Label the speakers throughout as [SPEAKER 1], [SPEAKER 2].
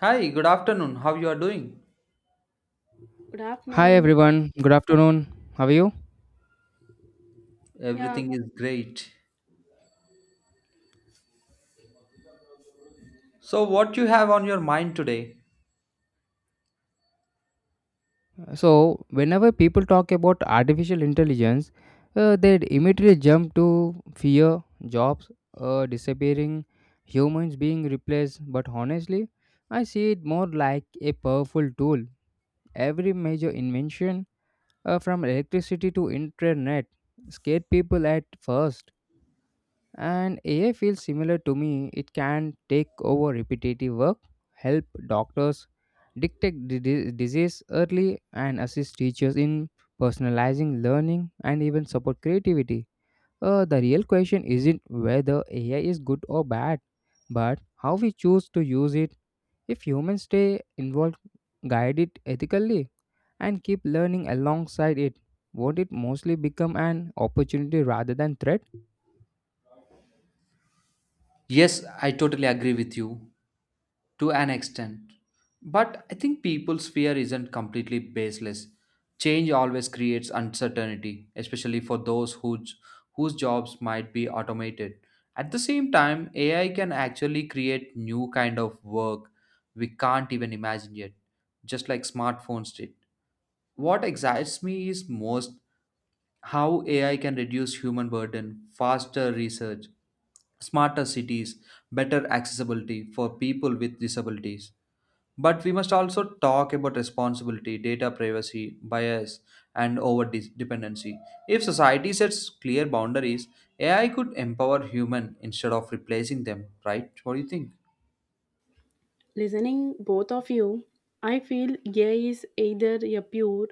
[SPEAKER 1] Hi, good afternoon. How you are doing?
[SPEAKER 2] Good
[SPEAKER 3] Hi
[SPEAKER 2] afternoon.
[SPEAKER 3] everyone, good afternoon. How are you?
[SPEAKER 2] Yeah,
[SPEAKER 1] Everything is great. So what you have on your mind today?
[SPEAKER 3] So, whenever people talk about artificial intelligence, they immediately jump to fear, jobs disappearing, humans being replaced. But honestly, I see it more like a powerful tool. Every major invention, from electricity to internet, scared people at first. And AI feels similar to me. It can take over repetitive work, help doctors detect disease early, and assist teachers in personalizing learning and even support creativity. The real question isn't whether AI is good or bad, but how we choose to use it. If humans stay involved, guide it ethically, and keep learning alongside it, won't it mostly become an opportunity rather than threat?
[SPEAKER 1] Yes, I totally agree with you to an extent. But I think people's fear isn't completely baseless. Change always creates uncertainty, especially for those whose jobs might be automated. At the same time, AI can actually create new kind of work we can't even imagine yet, just like smartphones did. What excites me is most how AI can reduce human burden, faster research, smarter cities, better accessibility for people with disabilities. But we must also talk about responsibility, data privacy, bias, and over dependency. If society sets clear boundaries, AI could empower human instead of replacing them, right? What do you think?
[SPEAKER 2] listening both of you, I feel AI is either a pure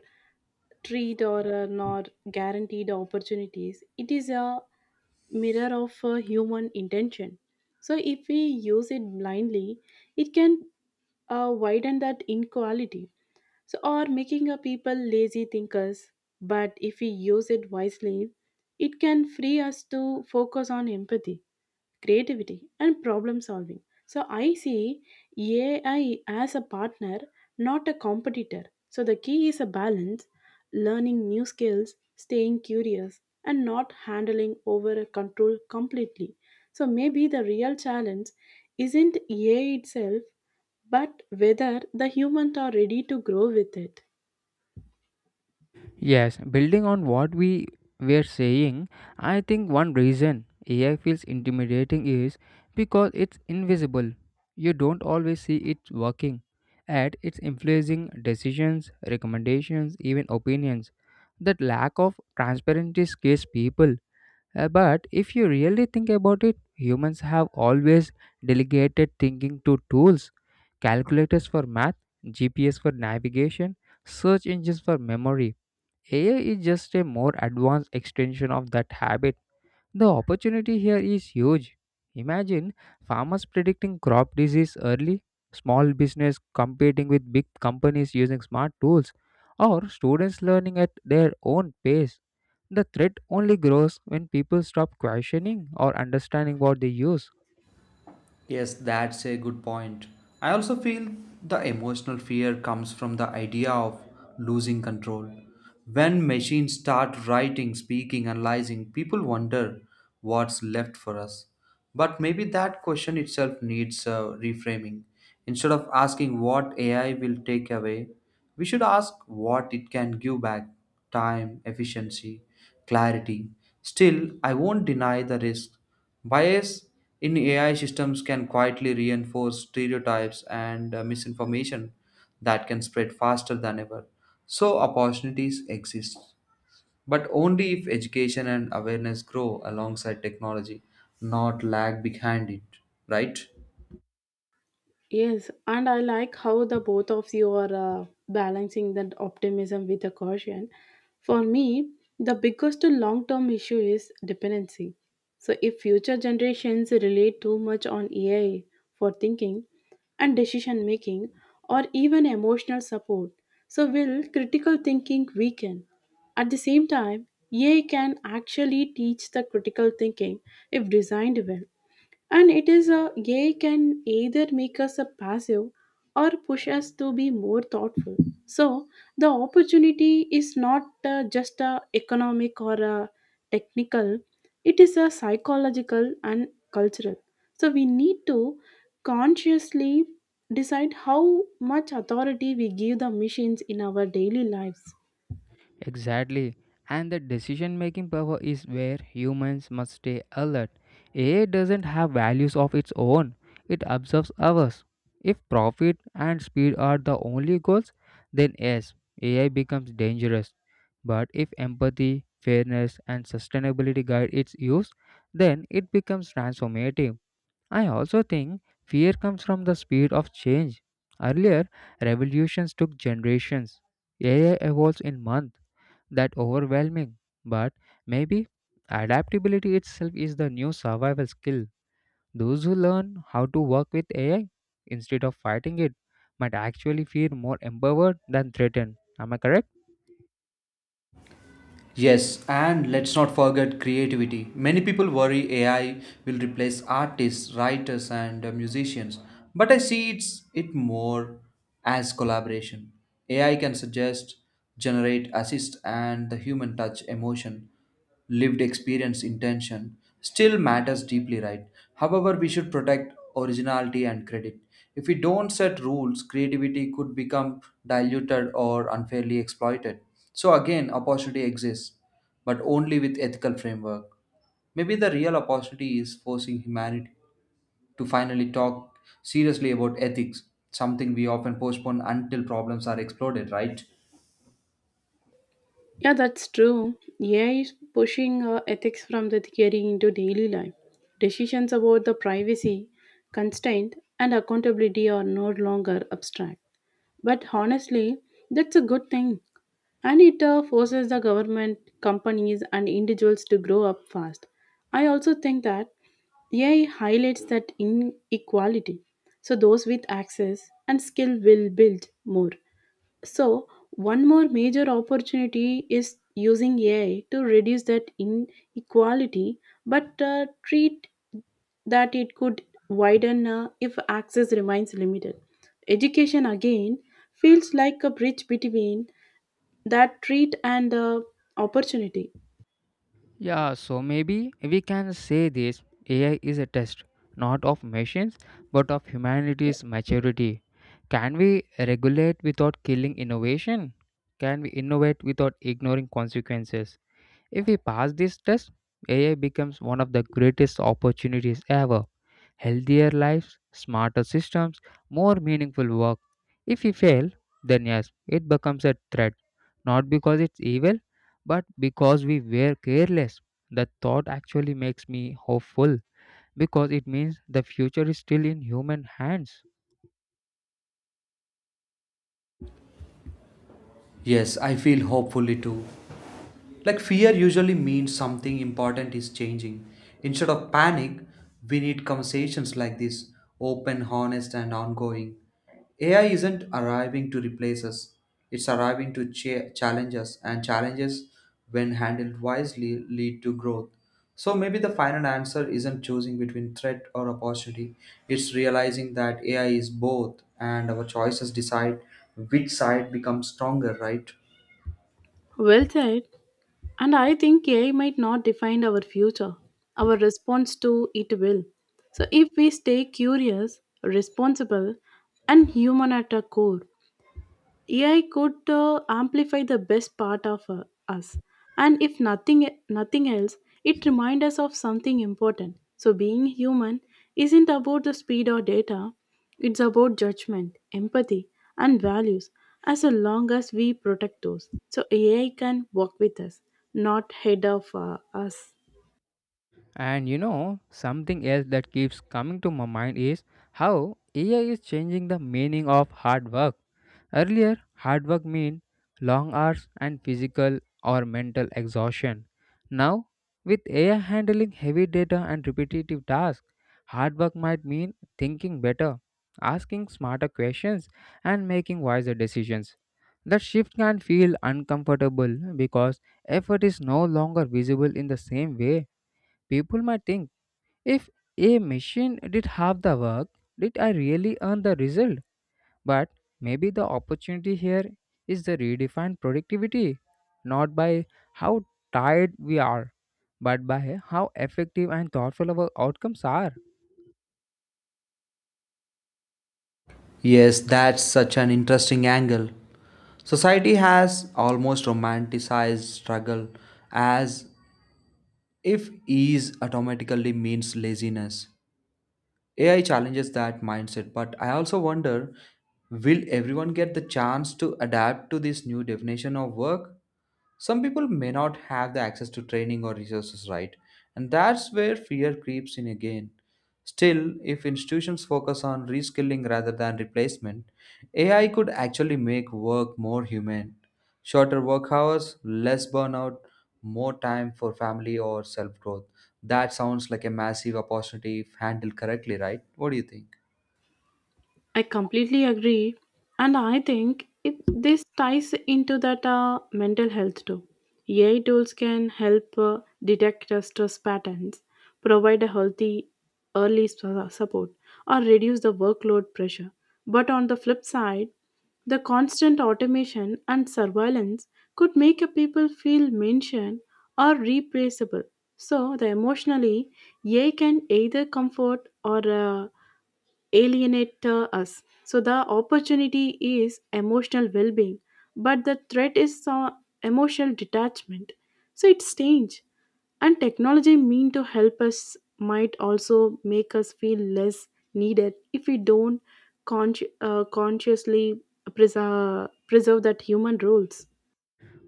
[SPEAKER 2] treat or a not guaranteed opportunities. It is a mirror of a human intention. So if we use it blindly, it can widen that inequality. So or making a people lazy thinkers. But if we use it wisely, it can free us to focus on empathy creativity, and problem solving. So I see AI as a partner, not a competitor. So the key is a balance, learning new skills, staying curious, and not handling over control completely. So maybe the real challenge isn't AI itself, but whether the humans are ready to grow with it.
[SPEAKER 3] Yes, building on what we were saying, I think one reason AI feels intimidating is because it's invisible. You don't always see it working, and it's influencing decisions, recommendations, even opinions. That lack of transparency scares people. But if you really think about it, humans have always delegated thinking to tools: calculators for math, GPS for navigation, search engines for memory. AI is just a more advanced extension of that habit. The opportunity here is huge. Imagine farmers predicting crop disease early, small business competing with big companies using smart tools, or students learning at their own pace. The threat only grows when people stop questioning or understanding what they use.
[SPEAKER 1] Yes, that's a good point. I also feel the emotional fear comes from the idea of losing control. When machines start writing, speaking, analyzing, people wonder what's left for us. But maybe that question itself needs reframing. Instead of asking what AI will take away, we should ask what it can give back: time, efficiency, clarity. Still, I won't deny the risk. Bias in AI systems can quietly reinforce stereotypes, and misinformation that can spread faster than ever. So, opportunities exist, but only if education and awareness grow alongside technology, not lag behind it, right?
[SPEAKER 2] Yes, and I like how the both of you are balancing that optimism with a caution. For me, the biggest long term issue is dependency. So, if future generations rely too much on AI for thinking and decision making, or even emotional support, so will critical thinking weaken? At the same time, AI can actually teach the critical thinking if designed well and it is a AI can either make us a passive or push us to be more thoughtful. So the opportunity is not just a economic or a technical, it is a psychological and cultural. So we need to consciously decide how much authority we give the machines in our daily lives.
[SPEAKER 3] Exactly. And the decision making power is where humans must stay alert. AI doesn't have values of its own, it observes ours. If profit and speed are the only goals, then yes, AI becomes dangerous. But if empathy, fairness, and sustainability guide its use, then it becomes transformative. I also think fear comes from the speed of change. Earlier, revolutions took generations. AI evolves in months, that overwhelming. But maybe adaptability itself is the new survival skill. Those who learn how to work with AI instead of fighting it might actually feel more empowered than threatened. Am I correct?
[SPEAKER 1] Yes, and let's not forget creativity. Many people worry AI will replace artists, writers, and musicians, but I see it's it more as collaboration. AI can suggest, generate, assist, and the human touch, emotion, lived experience, intention still matters deeply, right? However, we should protect originality and credit. If we don't set rules, creativity could become diluted or unfairly exploited. So again, opportunity exists, but only with ethical framework. Maybe the real opportunity is forcing humanity to finally talk seriously about ethics, something we often postpone until problems are exploded, right?
[SPEAKER 2] Yeah, that's true. AI is pushing ethics from the theory into daily life. Decisions about the privacy, constraint, and accountability are no longer abstract. But honestly, that's a good thing. And it forces the government, companies, and individuals to grow up fast. I also think that AI highlights that inequality. So those with access and skill will build more, so, one more major opportunity is using AI to reduce that inequality, but treat that it could widen if access remains limited. Education again feels like a bridge between that treat and opportunity.
[SPEAKER 3] Yeah, so maybe we can say this: AI is a test not of machines but of humanity's maturity. Can we regulate without killing innovation? Can we innovate without ignoring consequences? If we pass this test, AI becomes one of the greatest opportunities ever. Healthier lives, smarter systems, more meaningful work. If we fail, then yes, it becomes a threat. Not because it's evil, but because we were careless. The thought actually makes me hopeful because it means the future is still in human hands.
[SPEAKER 1] Yes, I feel hopefully too. Like fear usually means something important is changing. Instead of panic, we need conversations like this: open, honest, and ongoing. AI isn't arriving to replace us, it's arriving to challenge us, and challenges, when handled wisely, lead to growth. So maybe the final answer isn't choosing between threat or opportunity, it's realizing that AI is both, and our choices decide which side becomes stronger, right?
[SPEAKER 2] Well said. And I think AI might not define our future. Our response to it will. So if we stay curious, responsible, and human at our core, AI could amplify the best part of us. And if nothing else, it reminds us of something important. So being human isn't about the speed or data, it's about judgment, empathy, and values as long as we protect those. So AI can walk with us, not head of us.
[SPEAKER 3] And you know, something else that keeps coming to my mind is how AI is changing the meaning of hard work. Earlier, hard work meant long hours and physical or mental exhaustion. Now, with AI handling heavy data and repetitive tasks, hard work might mean thinking better, asking smarter questions, and making wiser decisions. That shift can feel uncomfortable because effort is no longer visible in the same way. People might think, if a machine did half the work, did I really earn the result? But maybe the opportunity here is the redefined productivity, not by how tired we are, but by how effective and thoughtful our outcomes are.
[SPEAKER 1] Yes, that's such an interesting angle. Society has almost romanticized struggle as if ease automatically means laziness. AI challenges that mindset, but I also wonder, will everyone get the chance to adapt to this new definition of work? Some people may not have the access to training or resources, right? And that's where fear creeps in again. Still, if institutions focus on reskilling rather than replacement, AI could actually make work more human. Shorter work hours, less burnout, more time for family or self growth. That sounds like a massive opportunity if handled correctly, right? What do you think?
[SPEAKER 2] I completely agree, and I think this ties into that mental health too. AI tools can help detect stress patterns, provide a healthy support, or reduce the workload pressure. But on the flip side, the constant automation and surveillance could make a people feel mentioned or replaceable. So, the emotionally, AI can either comfort or alienate us. So the opportunity is emotional well-being, but the threat is emotional detachment. So it's strange. And technology mean to help us might also make us feel less needed if we don't consciously preserve that human roles.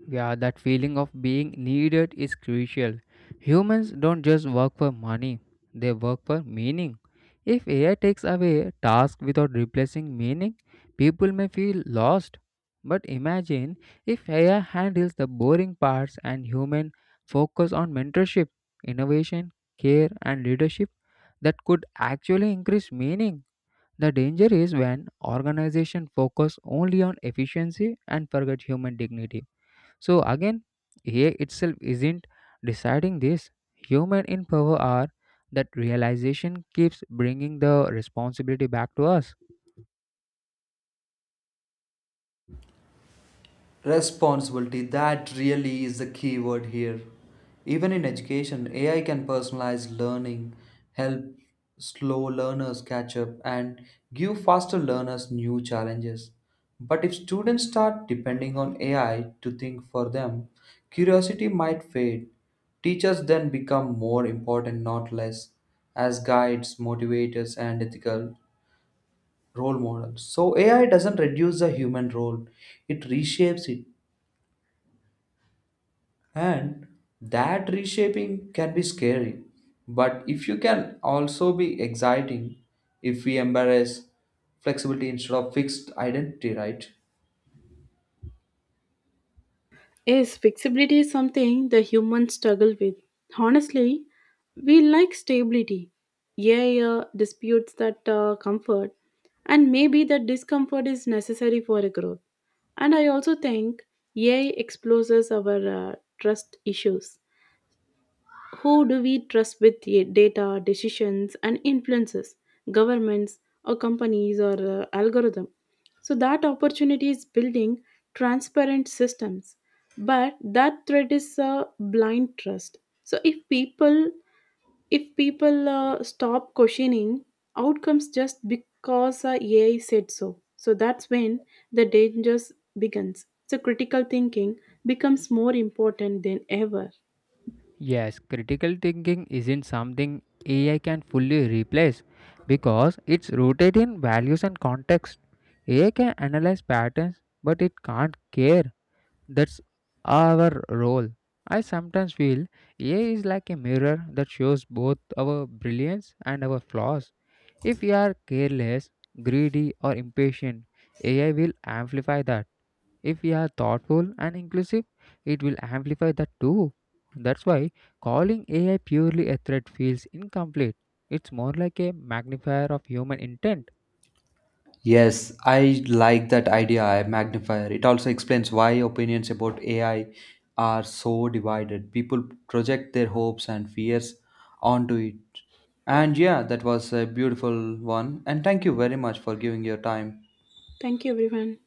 [SPEAKER 3] Yeah, that feeling of being needed is crucial. Humans don't just work for money, they work for meaning. If AI takes away tasks without replacing meaning, people may feel lost. But imagine if AI handles the boring parts and human focus on mentorship, innovation, care and leadership, that could actually increase meaning. The danger is when organizations focus only on efficiency and forget human dignity. So again, AI itself isn't deciding this. Human in power are, that realization keeps bringing the responsibility back to us.
[SPEAKER 1] Responsibility, that really is the key word here. Even in education, AI can personalize learning, help slow learners catch up, and give faster learners new challenges. But if students start depending on AI to think for them, curiosity might fade. Teachers then become more important, not less, as guides, motivators, and ethical role models. So AI doesn't reduce the human role, it reshapes it. And that reshaping can be scary, but if you can also be exciting if we embrace flexibility instead of fixed identity, right?
[SPEAKER 2] Yes, flexibility is something the humans struggle with. Honestly, we like stability. Yeah, yeah, disputes that comfort, and maybe that discomfort is necessary for a growth. And I also think AI exposes our trust issues. Who do we trust with the data, decisions, and influences? Governments or companies or algorithm. So that opportunity is building transparent systems, but that threat is a blind trust. So if people stop questioning outcomes just because AI said so, so that's when the dangers begins. So critical thinking becomes more important than ever.
[SPEAKER 3] Yes, critical thinking isn't something AI can fully replace because it's rooted in values and context. AI can analyze patterns, but it can't care. That's our role. I sometimes feel AI is like a mirror that shows both our brilliance and our flaws. If we are careless, greedy, or impatient, AI will amplify that. If we are thoughtful and inclusive, it will amplify that too. That's why calling AI purely a threat feels incomplete. It's more like a magnifier of human intent.
[SPEAKER 1] Yes, I like that idea, I magnifier. It also explains why opinions about AI are so divided. People project their hopes and fears onto it. And yeah, that was a beautiful one. And thank you very much for giving your time.
[SPEAKER 2] Thank you, everyone.